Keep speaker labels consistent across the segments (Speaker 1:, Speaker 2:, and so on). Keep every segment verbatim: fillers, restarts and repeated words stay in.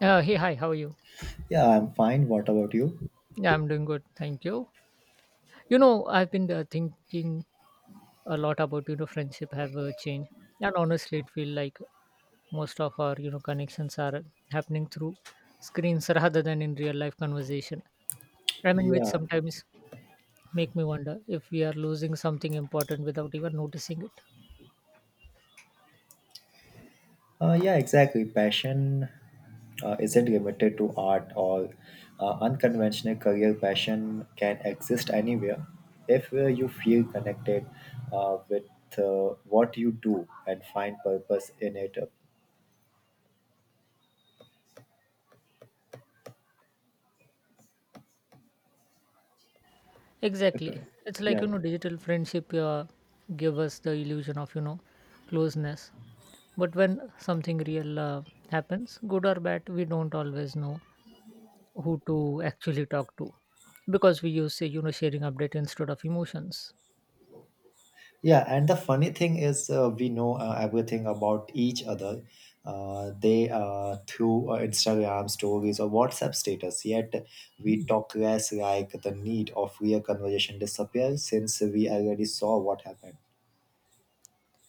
Speaker 1: Uh, hey, hi, how are you?
Speaker 2: Yeah, I'm fine. What about you?
Speaker 1: Yeah, I'm doing good, thank you. You know, I've been uh, thinking a lot about, you know, friendship have uh, changed. And honestly, it feel like most of our, you know, connections are happening through screens rather than in real life conversation. I mean, which
Speaker 2: Yeah,
Speaker 1: sometimes make me wonder if we are losing something important without even noticing it.
Speaker 2: uh, yeah, exactly. Passion uh, isn't limited to art or uh, unconventional career. Passion can exist anywhere if uh, you feel connected uh, with uh, what you do and find purpose in it.
Speaker 1: Exactly.
Speaker 2: Okay.
Speaker 1: It's like,
Speaker 2: Yeah,
Speaker 1: you know, digital friendship uh, give us the illusion of, you know, closeness. But when something real uh, happens, good or bad, we don't always know who to actually talk to because we use, say, you know, sharing update instead of emotions.
Speaker 2: Yeah, and the funny thing is, uh, we know uh, everything about each other. Uh, they uh, through uh, Instagram stories or WhatsApp status. Yet we talk less, like the need of real conversation disappears since we already saw what happened.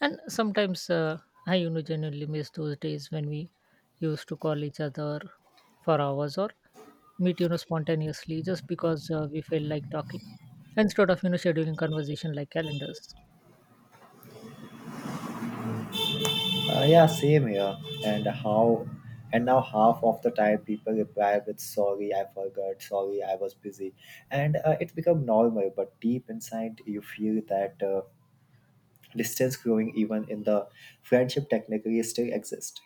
Speaker 1: And sometimes uh, I, you know, genuinely miss those days when we used to call each other for hours or meet, you know, spontaneously just because uh, we feel like talking instead of, you know, scheduling conversation like calendars.
Speaker 2: Uh, yeah, same here. And how? And now half of the time people reply with "Sorry, I forgot. Sorry, I was busy," and uh, it become normal. But deep inside, you feel that. Uh, distance growing even in the friendship technically still exist.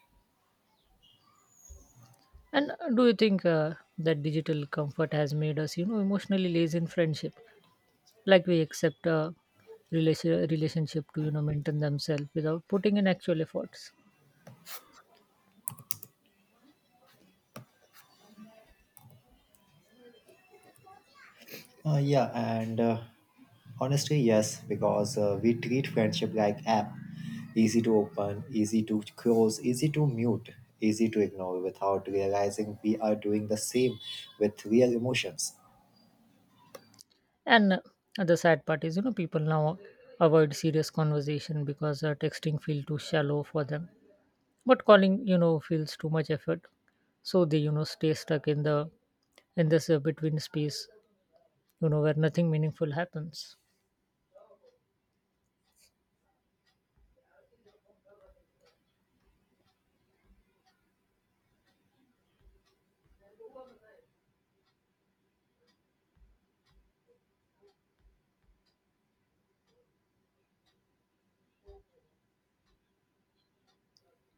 Speaker 1: And do you think uh, that digital comfort has made us, you know, emotionally lazy in friendship? Like we accept a relation, relationship to, you know, maintain themselves without putting in actual efforts.
Speaker 2: Uh, yeah and uh, Honestly yes because uh, we treat friendship like app, easy to open, easy to close, easy to mute, easy to ignore without realizing we are doing the same with real emotions.
Speaker 1: And uh, the sad part is, you know, people now avoid serious conversation because uh, texting feel too shallow for them. But calling, you know, feels too much effort. So they, you know, stay stuck in the in this uh, between space, you know, where nothing meaningful happens.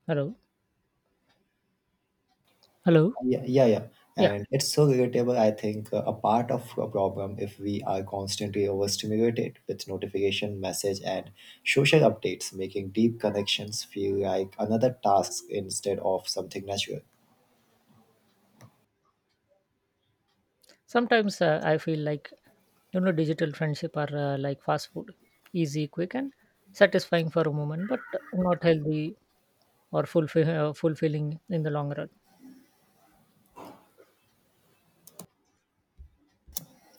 Speaker 1: Hello, hello,
Speaker 2: Yeah, yeah, yeah.
Speaker 1: yeah.
Speaker 2: And it's so relatable, I think, uh, a part of a problem if we are constantly overstimulated with notification, message, and social updates, making deep connections feel like another task instead of something natural.
Speaker 1: Sometimes uh, I feel like, you know, digital friendship are uh, like fast food, easy, quick, and satisfying for a moment, but not healthy or fulfill, uh, fulfilling in the long run.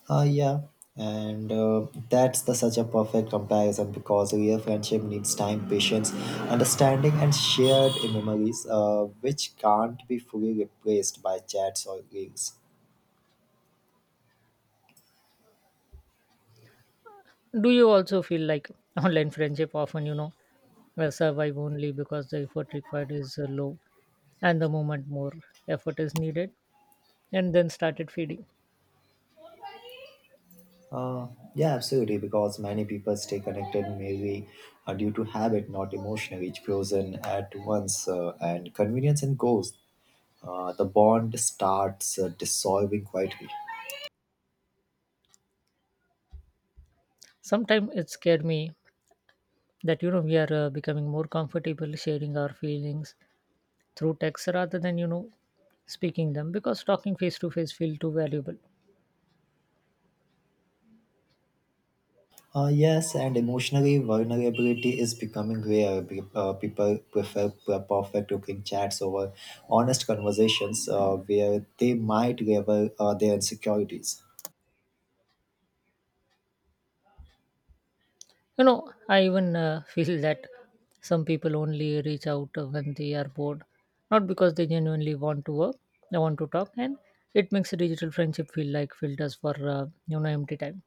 Speaker 2: Ah, yeah. And uh, that's the such a perfect comparison because real friendship needs time, patience, understanding, and shared memories, uh, which can't be fully replaced by chats or reels.
Speaker 1: Do you also feel like online friendship often, you know, will survive only because the effort required is uh, low and the moment more effort is needed and then started feeding.
Speaker 2: Uh, yeah, absolutely, because many people stay connected merely uh, due to habit, not emotion, which grows in at once uh, and convenience and goes. Uh, the bond starts uh, dissolving quietly.
Speaker 1: Sometimes it scared me that, you know, we are uh, becoming more comfortable sharing our feelings through text rather than, you know, speaking them because talking face to face feel too valuable.
Speaker 2: Uh, yes, and emotionally vulnerability is becoming rare. Pe- Uh, people prefer p- perfect looking chats over honest conversations uh, where they might reveal uh, their insecurities.
Speaker 1: You know, I even uh, feel that some people only reach out uh, when they are bored, not because they genuinely want to work, they want to talk, and it makes a digital friendship feel like filters for uh, you know, empty time.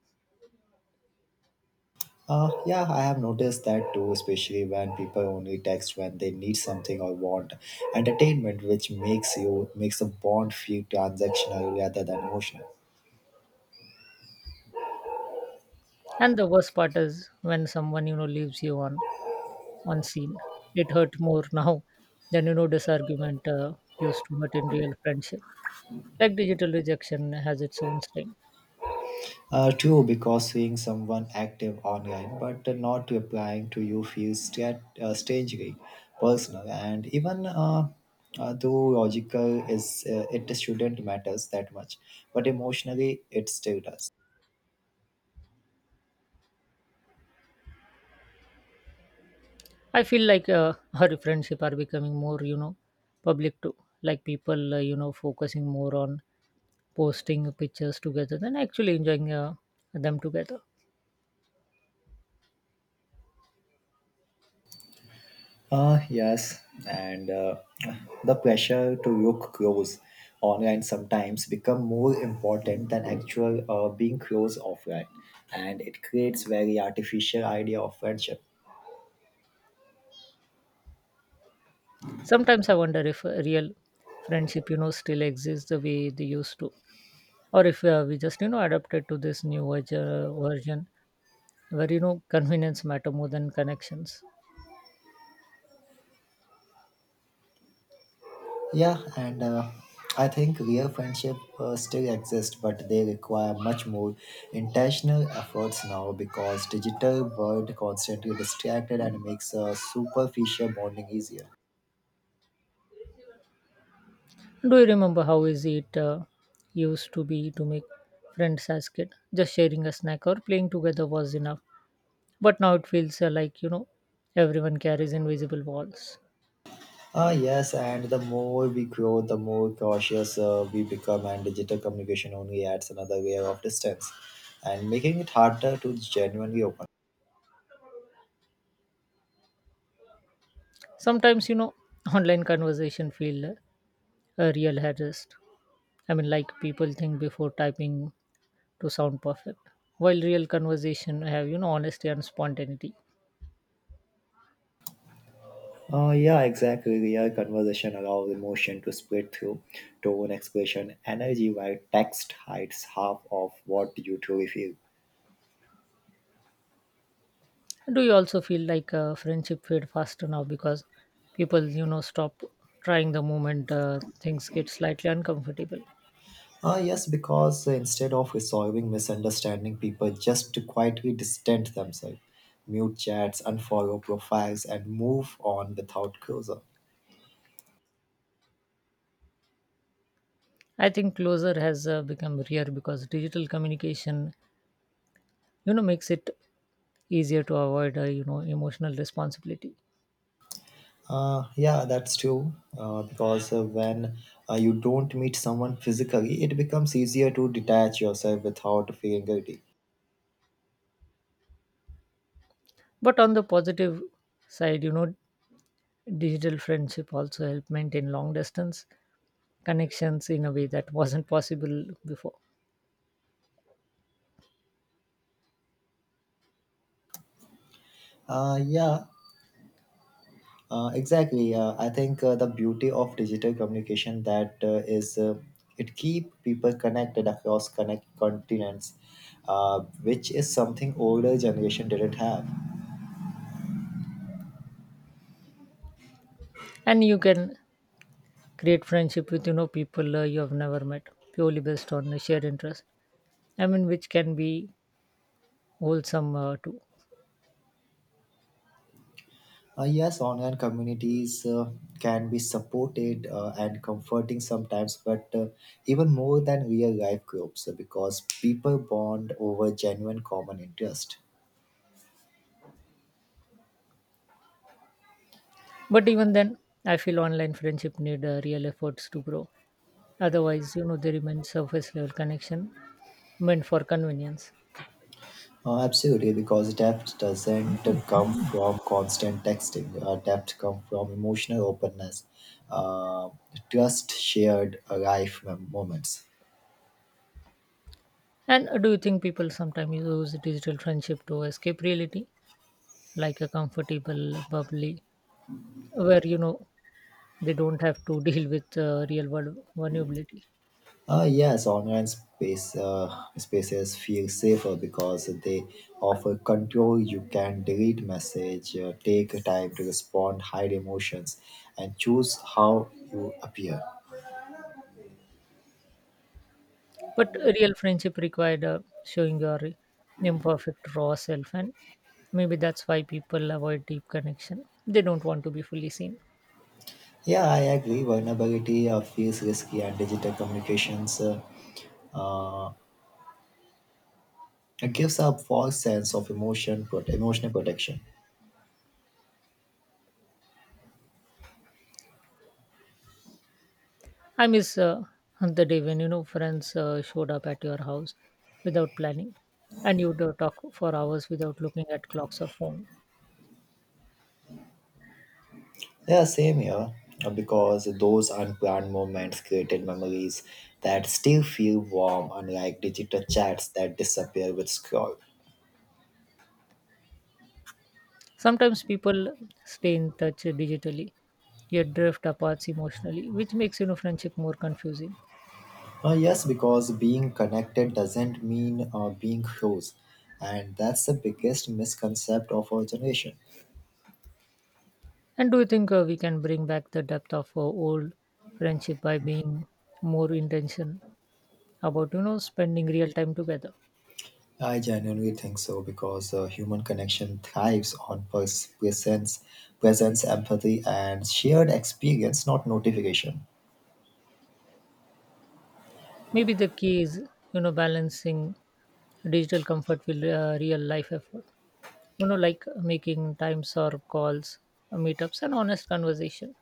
Speaker 2: Uh, yeah, I have noticed that too, especially when people only text when they need something or want entertainment, which makes you makes the bond feel transactional rather than emotional.
Speaker 1: And the worst part is when someone, you know, leaves you on on scene, it hurt more now than, you know, this argument uh, used to hurt in real friendship. Like digital rejection has its own sting.
Speaker 2: Uh, true, because seeing someone active online but not replying to you feels stra- uh, strangely personal, and even uh, uh, though logical is uh, it shouldn't matters that much, but emotionally it still does.
Speaker 1: I feel like uh, her friendship are becoming more, you know, public too. Like people, uh, you know, focusing more on posting pictures together than actually enjoying uh, them together.
Speaker 2: Ah, yes, and uh, the pressure to look close online sometimes become more important than actual uh, being close offline, and it creates very artificial idea of friendship.
Speaker 1: Sometimes I wonder if uh, real friendship, you know, still exists the way they used to, or if uh, we just, you know, adapted to this new version, version where, you know, convenience matter more than connections.
Speaker 2: Yeah, and uh, I think real friendship uh, still exist, but they require much more intentional efforts now because digital world constantly distracted and makes a superficial bonding easier.
Speaker 1: Do you remember how easy it uh, used to be to make friends as kid? Just sharing a snack or playing together was enough, but now it feels uh, like, you know, everyone carries invisible walls.
Speaker 2: Ah, yes, and the more we grow, the more cautious uh, we become, and digital communication only adds another layer of distance and making it harder to genuinely open.
Speaker 1: Sometimes, you know, online conversation feel uh, a real harassed. I mean, like people think before typing to sound perfect, while real conversation have, you know, honesty and spontaneity.
Speaker 2: Uh, yeah, exactly. Real conversation allows emotion to split through tone, expression, energy, while text hides half of what you truly feel.
Speaker 1: Do you also feel like uh, friendship fade faster now because people, you know, stop trying the moment uh, things get slightly uncomfortable?
Speaker 2: Uh, yes, because instead of resolving misunderstanding, people just quietly distance themselves, mute chats, unfollow profiles, and move on without closure.
Speaker 1: I think closer has uh, become rare because digital communication, you know, makes it easier to avoid uh, you know, emotional responsibility.
Speaker 2: Uh, yeah, that's true. Uh, because uh, when uh, you don't meet someone physically, it becomes easier to detach yourself without feeling guilty.
Speaker 1: But on the positive side, you know, digital friendship also help maintain long distance connections in a way that wasn't possible before.
Speaker 2: Uh, yeah, uh, exactly. Uh, I think uh, the beauty of digital communication that uh, is uh, it keep people connected across connect continents, uh, which is something older generation didn't have.
Speaker 1: And you can create friendship with, you know, people uh, you have never met purely based on a shared interest. I mean, which can be wholesome uh, too.
Speaker 2: Uh, yes, online communities uh, can be supported uh, and comforting sometimes, but uh, even more than real life groups uh, because people bond over genuine common interest.
Speaker 1: But even then, I feel online friendship need uh, real efforts to grow, otherwise, you know, they remain surface level connection meant for convenience.
Speaker 2: Uh, absolutely, because depth doesn't uh, come from constant texting. Uh, depth comes from emotional openness, uh, trust, shared uh, life mem- moments.
Speaker 1: And do you think people sometimes use digital friendship to escape reality, like a comfortable bubbly, where, you know, they don't have to deal with uh, real world vulnerability?
Speaker 2: Uh, yes, online space uh, spaces feel safer because they offer control. You can delete message, uh, take time to respond, hide emotions, and choose how you appear.
Speaker 1: But real friendship required uh, showing your imperfect raw self, and maybe that's why people avoid deep connection. They don't want to be fully seen.
Speaker 2: Yeah, I agree. Vulnerability uh, feels risky, and digital communications uh, it gives a false sense of emotion, prote- emotional protection.
Speaker 1: I miss uh, the day when, you know, friends uh, showed up at your house without planning, and you'd uh, talk for hours without looking at clocks or phones.
Speaker 2: Yeah, same here. Uh, Because those unplanned moments created memories that still feel warm, unlike digital chats that disappear with scroll.
Speaker 1: Sometimes people stay in touch digitally yet drift apart emotionally, which makes, you know, friendship more confusing.
Speaker 2: Uh, yes, because being connected doesn't mean uh, being close, and that's the biggest misconception of our generation.
Speaker 1: And do you think uh, we can bring back the depth of uh, old friendship by being more intentional about, you know, spending real time together?
Speaker 2: I genuinely think so because uh, human connection thrives on pers- presence, presence, empathy, and shared experience, not notification.
Speaker 1: Maybe the key is, you know, balancing digital comfort with uh, real life effort. You know, like making times or calls, uh, meetups, and honest conversation.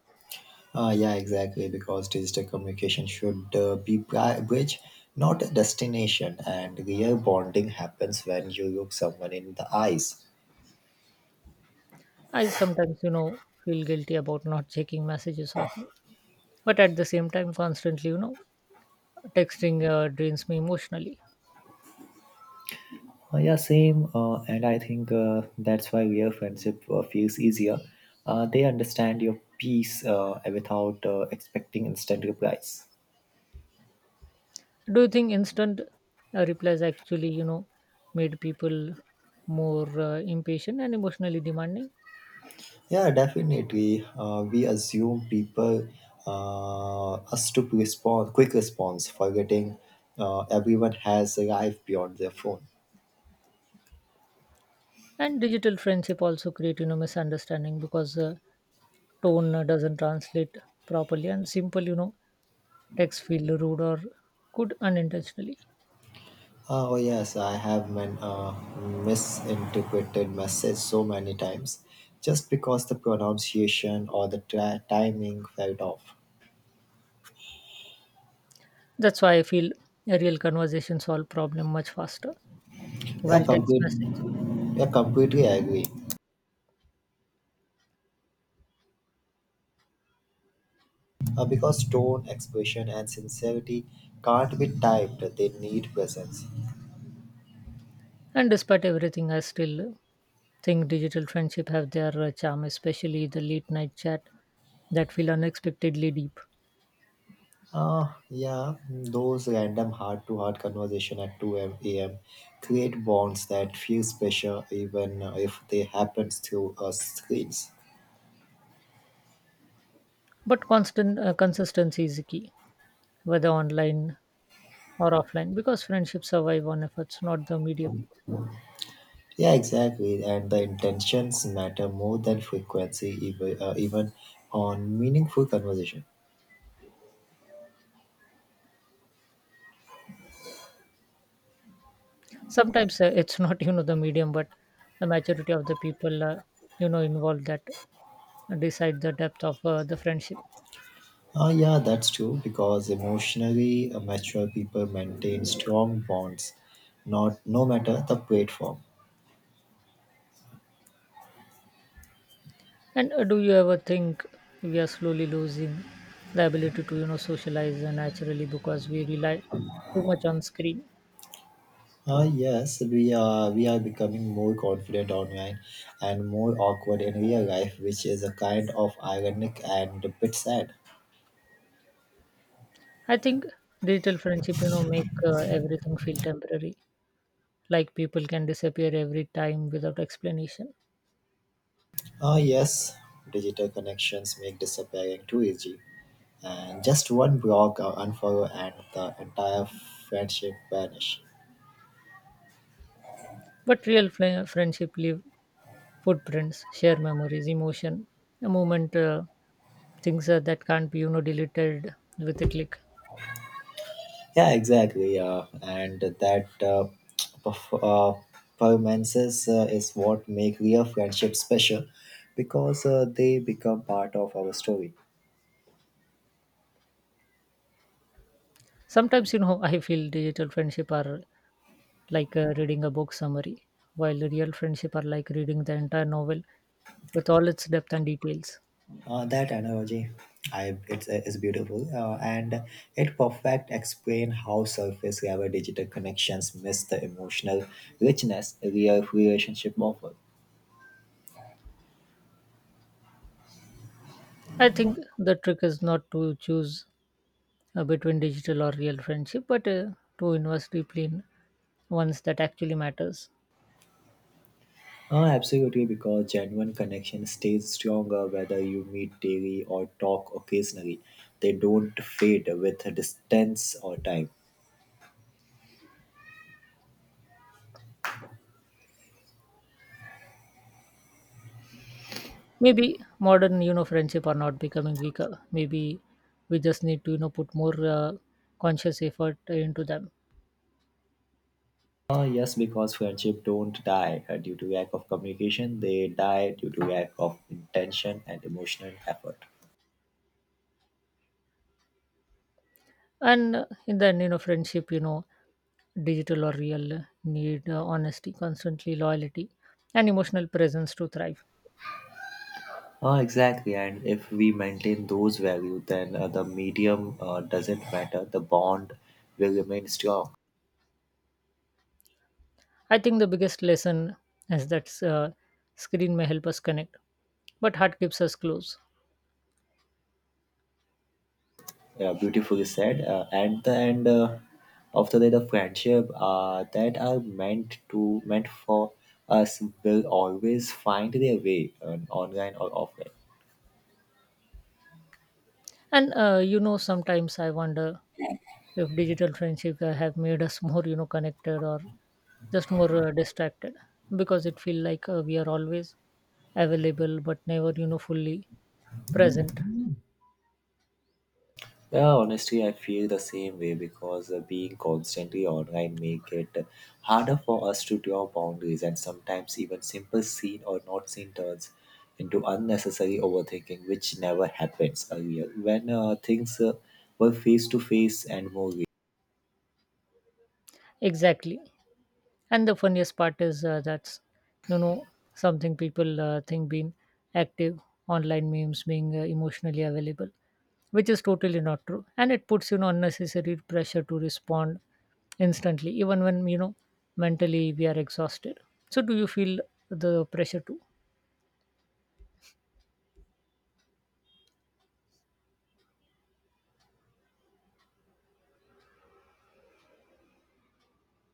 Speaker 2: Uh, yeah, exactly. Because digital communication should uh, be bri- bridge, not a destination. And real bonding happens when you look someone in the eyes.
Speaker 1: I sometimes, you know, feel guilty about not checking messages often, but at the same time constantly, you know, texting uh, drains me emotionally.
Speaker 2: Uh, yeah, same. Uh, and I think uh, that's why real friendship uh, feels easier. Uh, they understand your peace uh, without uh, expecting instant replies.
Speaker 1: Do you think instant uh, replies actually, you know, made people more uh, impatient and emotionally demanding?
Speaker 2: Yeah, definitely. Uh, we assume people uh, us to respond quick response, forgetting uh, everyone has a life beyond their phone.
Speaker 1: And digital friendship also create, you know, misunderstanding because uh, tone uh, doesn't translate properly, and simple, you know, text feel rude or good unintentionally.
Speaker 2: Uh, oh yes, I have been uh, misinterpreted message so many times, just because the pronunciation or the tra- timing felt off.
Speaker 1: That's why I feel a real conversation solve problem much faster
Speaker 2: Yeah,
Speaker 1: while text
Speaker 2: complete,
Speaker 1: message.
Speaker 2: yeah, completely agree. Uh, because tone, expression, and sincerity can't be typed; they need presence.
Speaker 1: And despite everything, I still think digital friendship have their uh, charm, especially the late night chat that feel unexpectedly deep.
Speaker 2: Uh, yeah, those random heart-to-heart conversation at two a m a m create bonds that feel special, even uh, if they happen through uh, screens.
Speaker 1: But constant uh, consistency is the key, whether online or offline, because friendships survive on efforts, not the medium.
Speaker 2: Yeah, exactly. And the intentions matter more than frequency, even, uh, even on meaningful conversation.
Speaker 1: Sometimes uh, it's not you know, the medium, but the majority of the people uh, you know, involved that decide the depth of uh, the friendship.
Speaker 2: Ah, yeah, that's true. Because emotionally uh, mature people maintain strong bonds, not no matter the platform.
Speaker 1: And uh, do you ever think we are slowly losing the ability to, you know, socialize uh, naturally because we rely too much on screen?
Speaker 2: Ah, yes, we are we are becoming more confident online and more awkward in real life, which is a kind of ironic and a bit sad.
Speaker 1: I think digital friendship, you know, make uh, everything feel temporary. Like people can disappear every time without explanation.
Speaker 2: Ah, yes, digital connections make disappearing too easy. And just one block or unfollow and the entire friendship vanish.
Speaker 1: But real fri- friendship leave footprints, share memories, emotion, a moment, uh, things uh, that can't be, you know, deleted with a click.
Speaker 2: Yeah, exactly, uh, and that uh, perf- uh, performances uh, is what make real friendship special because uh, they become part of our story.
Speaker 1: Sometimes, you know, I feel digital friendship are like uh, reading a book summary, while the real friendship are like reading the entire novel with all its depth and details.
Speaker 2: Uh, that analogy, I, it's, it's beautiful uh, and it perfect explain how surface level digital connections miss the emotional richness real relationship offer.
Speaker 1: I think the trick is not to choose uh, between digital or real friendship, but uh, to invest deeply in ones that actually matters.
Speaker 2: Uh, absolutely, because genuine connection stays stronger whether you meet daily or talk occasionally. They don't fade with distance or time.
Speaker 1: Maybe modern, you know, friendship are not becoming weaker. Maybe we just need to, you know, put more uh, conscious effort into them.
Speaker 2: Uh, yes, because friendship don't die uh, due to lack of communication. They die due to lack of intention and emotional effort.
Speaker 1: And uh, in the end, you know, friendship, you know, digital or real, uh, need uh, honesty, constantly loyalty, and emotional presence to thrive.
Speaker 2: Uh, exactly, and if we maintain those values, then uh, the medium uh, doesn't matter. The bond will remain strong.
Speaker 1: I think the biggest lesson is that uh, screen may help us connect, but heart keeps us close.
Speaker 2: Yeah, beautifully said. Uh, at the end uh, of the day, the friendship uh, that are meant to meant for us will always find their way, uh, online or offline.
Speaker 1: And uh, you know, sometimes I wonder if digital friendship uh, have made us more, you know, connected or just more uh, distracted because it feel like uh, we are always available but never, you know, fully present.
Speaker 2: Yeah, honestly, I feel the same way because uh, being constantly online make it harder for us to draw boundaries, and sometimes even simple seen or not seen turns into unnecessary overthinking, which never happens earlier. When uh, things uh, were face to face and more real,
Speaker 1: Exactly. And the funniest part is uh, that's, you know, something people uh, think being active online memes being uh, emotionally available, which is totally not true, and it puts, you know, unnecessary pressure to respond instantly even when, you know, mentally we are exhausted. So do you feel the pressure too?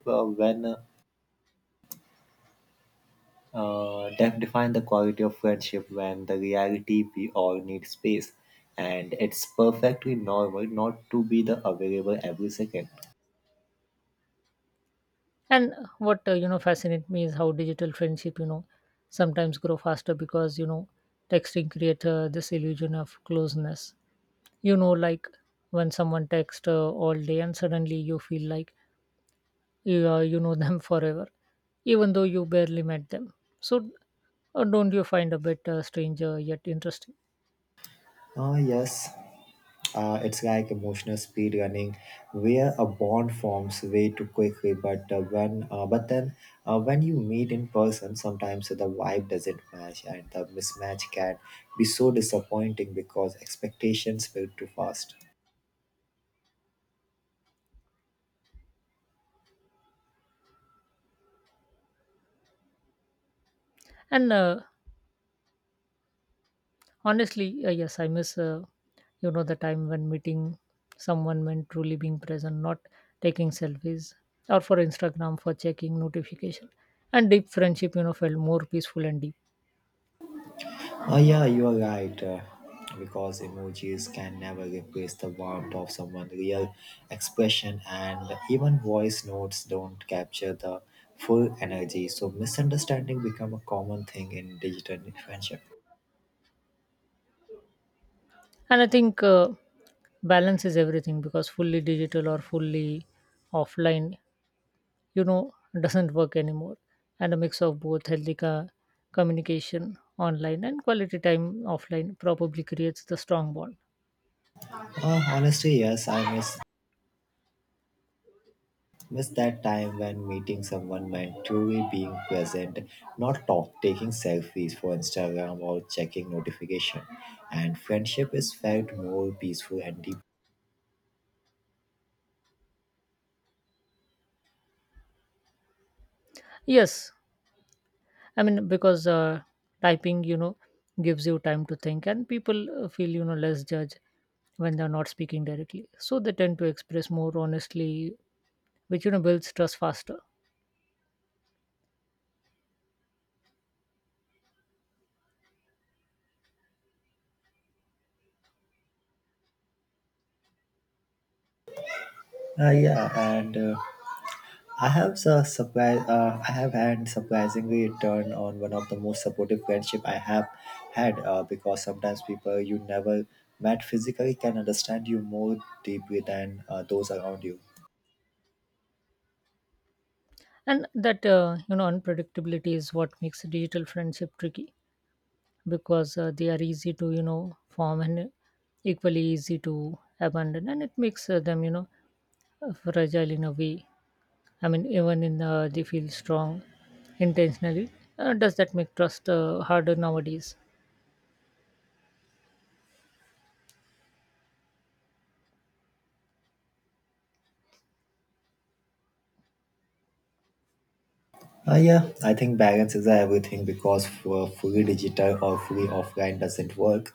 Speaker 2: uh, when uh, Uh, def- define the quality of friendship when the reality we all need space, and it's perfectly normal not to be the available every second.
Speaker 1: And what uh, you know, fascinates me is how digital friendship, you know, sometimes grow faster because, you know, texting create uh, this illusion of closeness, you know, like when someone texts uh, all day and suddenly you feel like you, uh, you know them forever, even though you barely met them. So uh, don't you find a bit uh, stranger yet interesting?
Speaker 2: Ah, yes. Uh, it's like emotional speed running, where a bond forms way too quickly. But uh, when, uh, but then, uh, when you meet in person, sometimes the vibe doesn't match, and the mismatch can be so disappointing because expectations build too fast.
Speaker 1: And uh, Honestly, uh, yes, I miss uh, you know, the time when meeting someone meant truly being present, not taking selfies or for Instagram for checking notification. And deep friendship, you know, felt more peaceful and deep.
Speaker 2: Oh, yeah, you are right. Uh, because emojis can never replace the warmth of someone's real expression, and even voice notes don't capture the full energy. So, misunderstanding become a common thing in digital friendship.
Speaker 1: And I think uh, balance is everything because fully digital or fully offline, you know, doesn't work anymore. And a mix of both healthy co- communication online and quality time offline probably creates the strong bond.
Speaker 2: Uh, honestly, yes, I miss miss that time when meeting someone meant truly being present, not talk, taking selfies for Instagram or checking notification. And friendship is felt more peaceful and deep.
Speaker 1: Yes, I mean, because uh, typing, you know, gives you time to think, and people uh, feel, you know, less judged when they're not speaking directly. So they tend to express more honestly, which, you know, builds trust faster.
Speaker 2: Uh, yeah, and. Uh, I have a surprise. Uh, I have had surprisingly turned on one of the most supportive friendship I have had uh, because sometimes people you never met physically can understand you more deeply than uh, those around you.
Speaker 1: And that, uh, you know, unpredictability is what makes digital friendship tricky because uh, they are easy to, you know, form and equally easy to abandon. And it makes uh, them, you know, uh, fragile in a way. I mean, even in uh, they feel strong intentionally. Uh, does that make trust uh, harder nowadays?
Speaker 2: Uh, yeah, I think balance is everything because for fully digital or fully offline doesn't work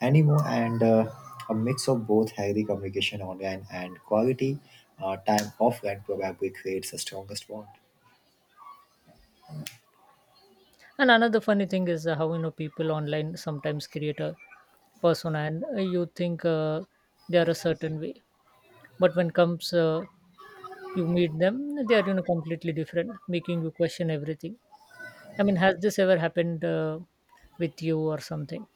Speaker 2: anymore, and uh, a mix of both healthy communication online and quality uh, time offline probably creates the strongest bond.
Speaker 1: And another funny thing is uh, how you know people online sometimes create a persona, and uh, you think uh, they are a certain way, but when comes uh, you meet them, they are you know completely different, making you question everything. I mean, has this ever happened uh, with you or something?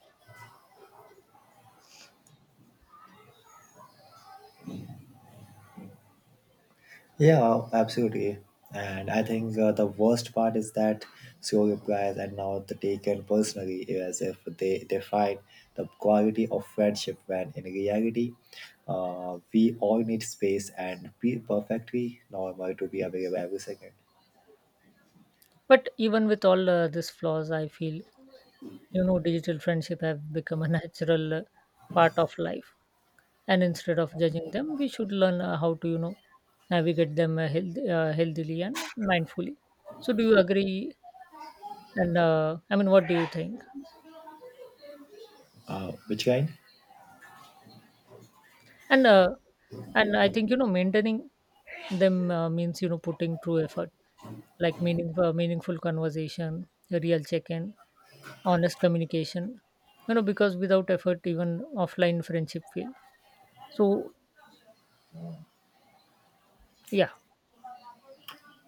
Speaker 2: Yeah, absolutely. And I think uh, the worst part is that slow replies are now the taken personally as if they define the quality of friendship when in reality, uh, we all need space and be perfectly normal to be available every second.
Speaker 1: But even with all uh, these flaws, I feel you know digital friendship have become a natural uh, part of life, and instead of judging them, we should learn uh, how to you know navigate them uh, health, uh, healthily and mindfully. So, do you agree? And uh, I mean, what do you think?
Speaker 2: Uh, which line?
Speaker 1: and uh, and I think you know maintaining them uh, means you know putting true effort like meaning uh, meaningful conversation, a real check-in, honest communication, you know, because without effort even offline friendship fail. So yeah.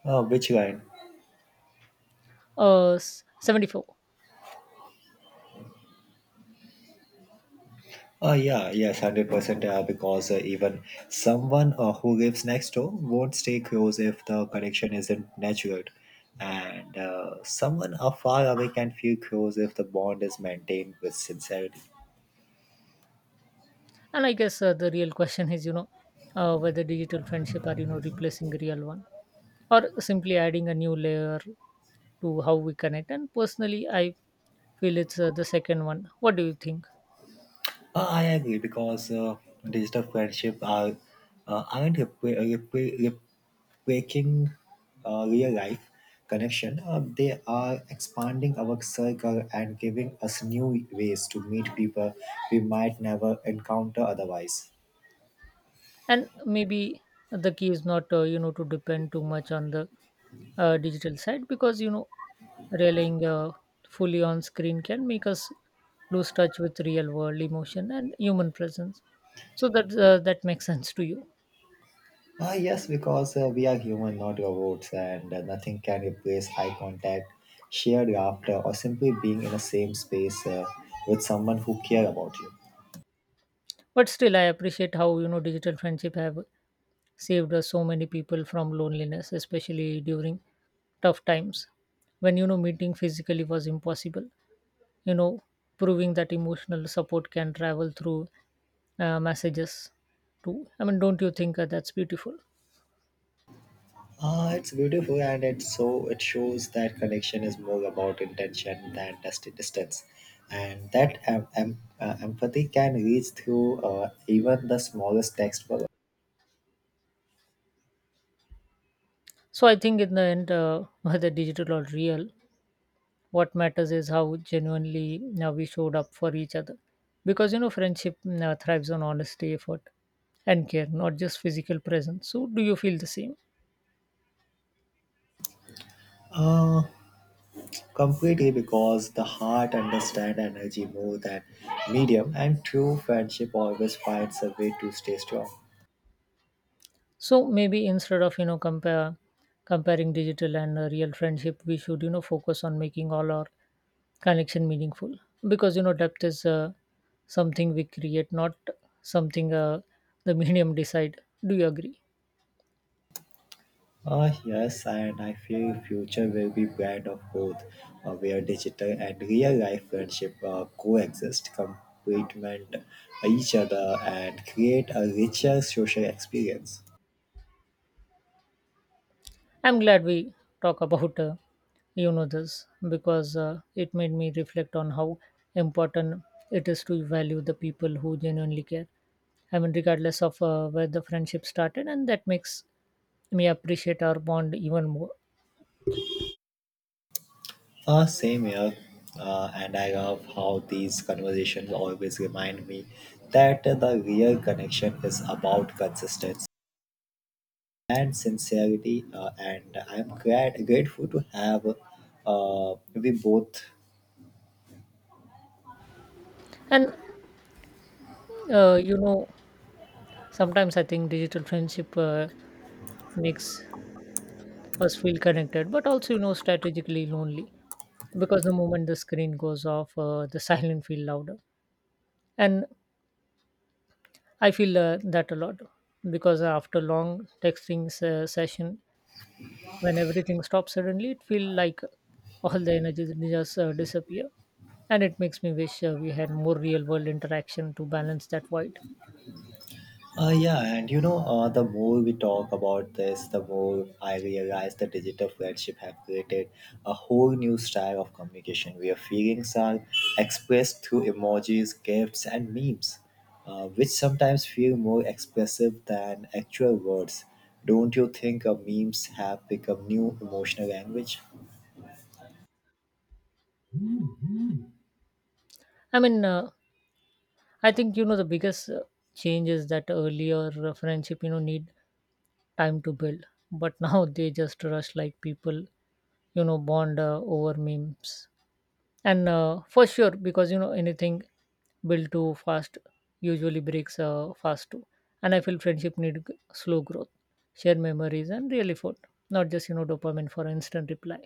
Speaker 2: Uh, which line?
Speaker 1: uh s- seventy-four.
Speaker 2: Uh, yeah, yes, one hundred percent. Uh, because uh, even someone uh, who lives next door won't stay close if the connection isn't natural. And uh, someone uh, far away can feel close if the bond is maintained with sincerity.
Speaker 1: And I guess uh, the real question is you know uh, whether digital friendship are you know replacing real one or simply adding a new layer to how we connect. And personally I feel it's uh, the second one. What do you think?
Speaker 2: Uh, I agree because uh, digital friendship are uh, aren't repre- repre- rep- breaking uh, real life connection. Uh, they are expanding our circle and giving us new ways to meet people we might never encounter otherwise.
Speaker 1: And maybe the key is not uh, you know to depend too much on the uh, digital side, because you know relying uh, fully on screen can make us lose touch with real world emotion and human presence. So that uh, that makes sense to you?
Speaker 2: Uh, yes, because uh, we are human, not robots, and uh, nothing can replace eye contact, shared laughter, or simply being in the same space uh, with someone who care about you.
Speaker 1: But still I appreciate how you know digital friendship have saved us so many people from loneliness, especially during tough times when you know meeting physically was impossible, you know, proving that emotional support can travel through uh, messages too. I mean, don't you think uh, that's beautiful?
Speaker 2: Uh, it's beautiful and it's so it shows that connection is more about intention than just distance and that em- em- uh, empathy can reach through uh, even the smallest text for.
Speaker 1: So I think in the end uh, whether digital or real, what matters is how genuinely uh, we showed up for each other, because you know friendship uh, thrives on honesty, effort, and care, not just physical presence. So do you feel the same?
Speaker 2: uh, Completely, because the heart understands energy more than medium and true friendship always finds a way to stay strong.
Speaker 1: So maybe instead of you know compare comparing digital and uh, real friendship, we should you know focus on making all our connection meaningful, because you know depth is uh, something we create, not something uh, the medium decide. Do you agree?
Speaker 2: Ah yes, and I feel future will be blend of both, uh, where digital and real life friendship uh, coexist, complement uh, each other, and create a richer social experience.
Speaker 1: I'm glad we talk about uh, you know this, because uh, it made me reflect on how important it is to value the people who genuinely care. I mean, regardless of uh, where the friendship started, and that makes may appreciate our bond even more.
Speaker 2: Uh, same here, uh, and I love how these conversations always remind me that the real connection is about consistency and sincerity, uh, and I'm glad grateful to have uh, we both.
Speaker 1: And uh, you know, sometimes I think digital friendship uh, makes us feel connected, but also you know strategically lonely, because the moment the screen goes off, uh, the silence feel louder. And I feel uh, that a lot, because after long texting se- session, when everything stops suddenly, it feel like all the energy just uh, disappear. And it makes me wish uh, we had more real world interaction to balance that void.
Speaker 2: Uh, yeah, and you know, uh, the more we talk about this, the more I realize the digital friendship have created a whole new style of communication where feelings are expressed through emojis, gifts, and memes, uh, which sometimes feel more expressive than actual words. Don't you think uh, memes have become new emotional language?
Speaker 1: I mean, uh, I think you know the biggest uh, change is that earlier uh, friendship you know need time to build, but now they just rush, like people you know bond uh, over memes. And uh, for sure, because you know anything built too fast usually breaks uh, fast too. And I feel friendship need g- slow growth, shared memories, and real effort, not just you know dopamine for instant reply.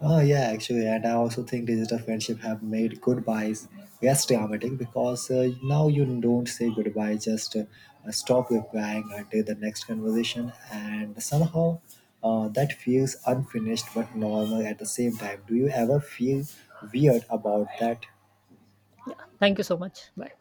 Speaker 2: Oh yeah, actually, and I also think digital friendship have made goodbyes less dramatic because uh, now you don't say goodbye, just uh, stop replying until the next conversation, and somehow uh, that feels unfinished but normal at the same time. Do you ever feel weird about that?
Speaker 1: Yeah, thank you so much. Bye.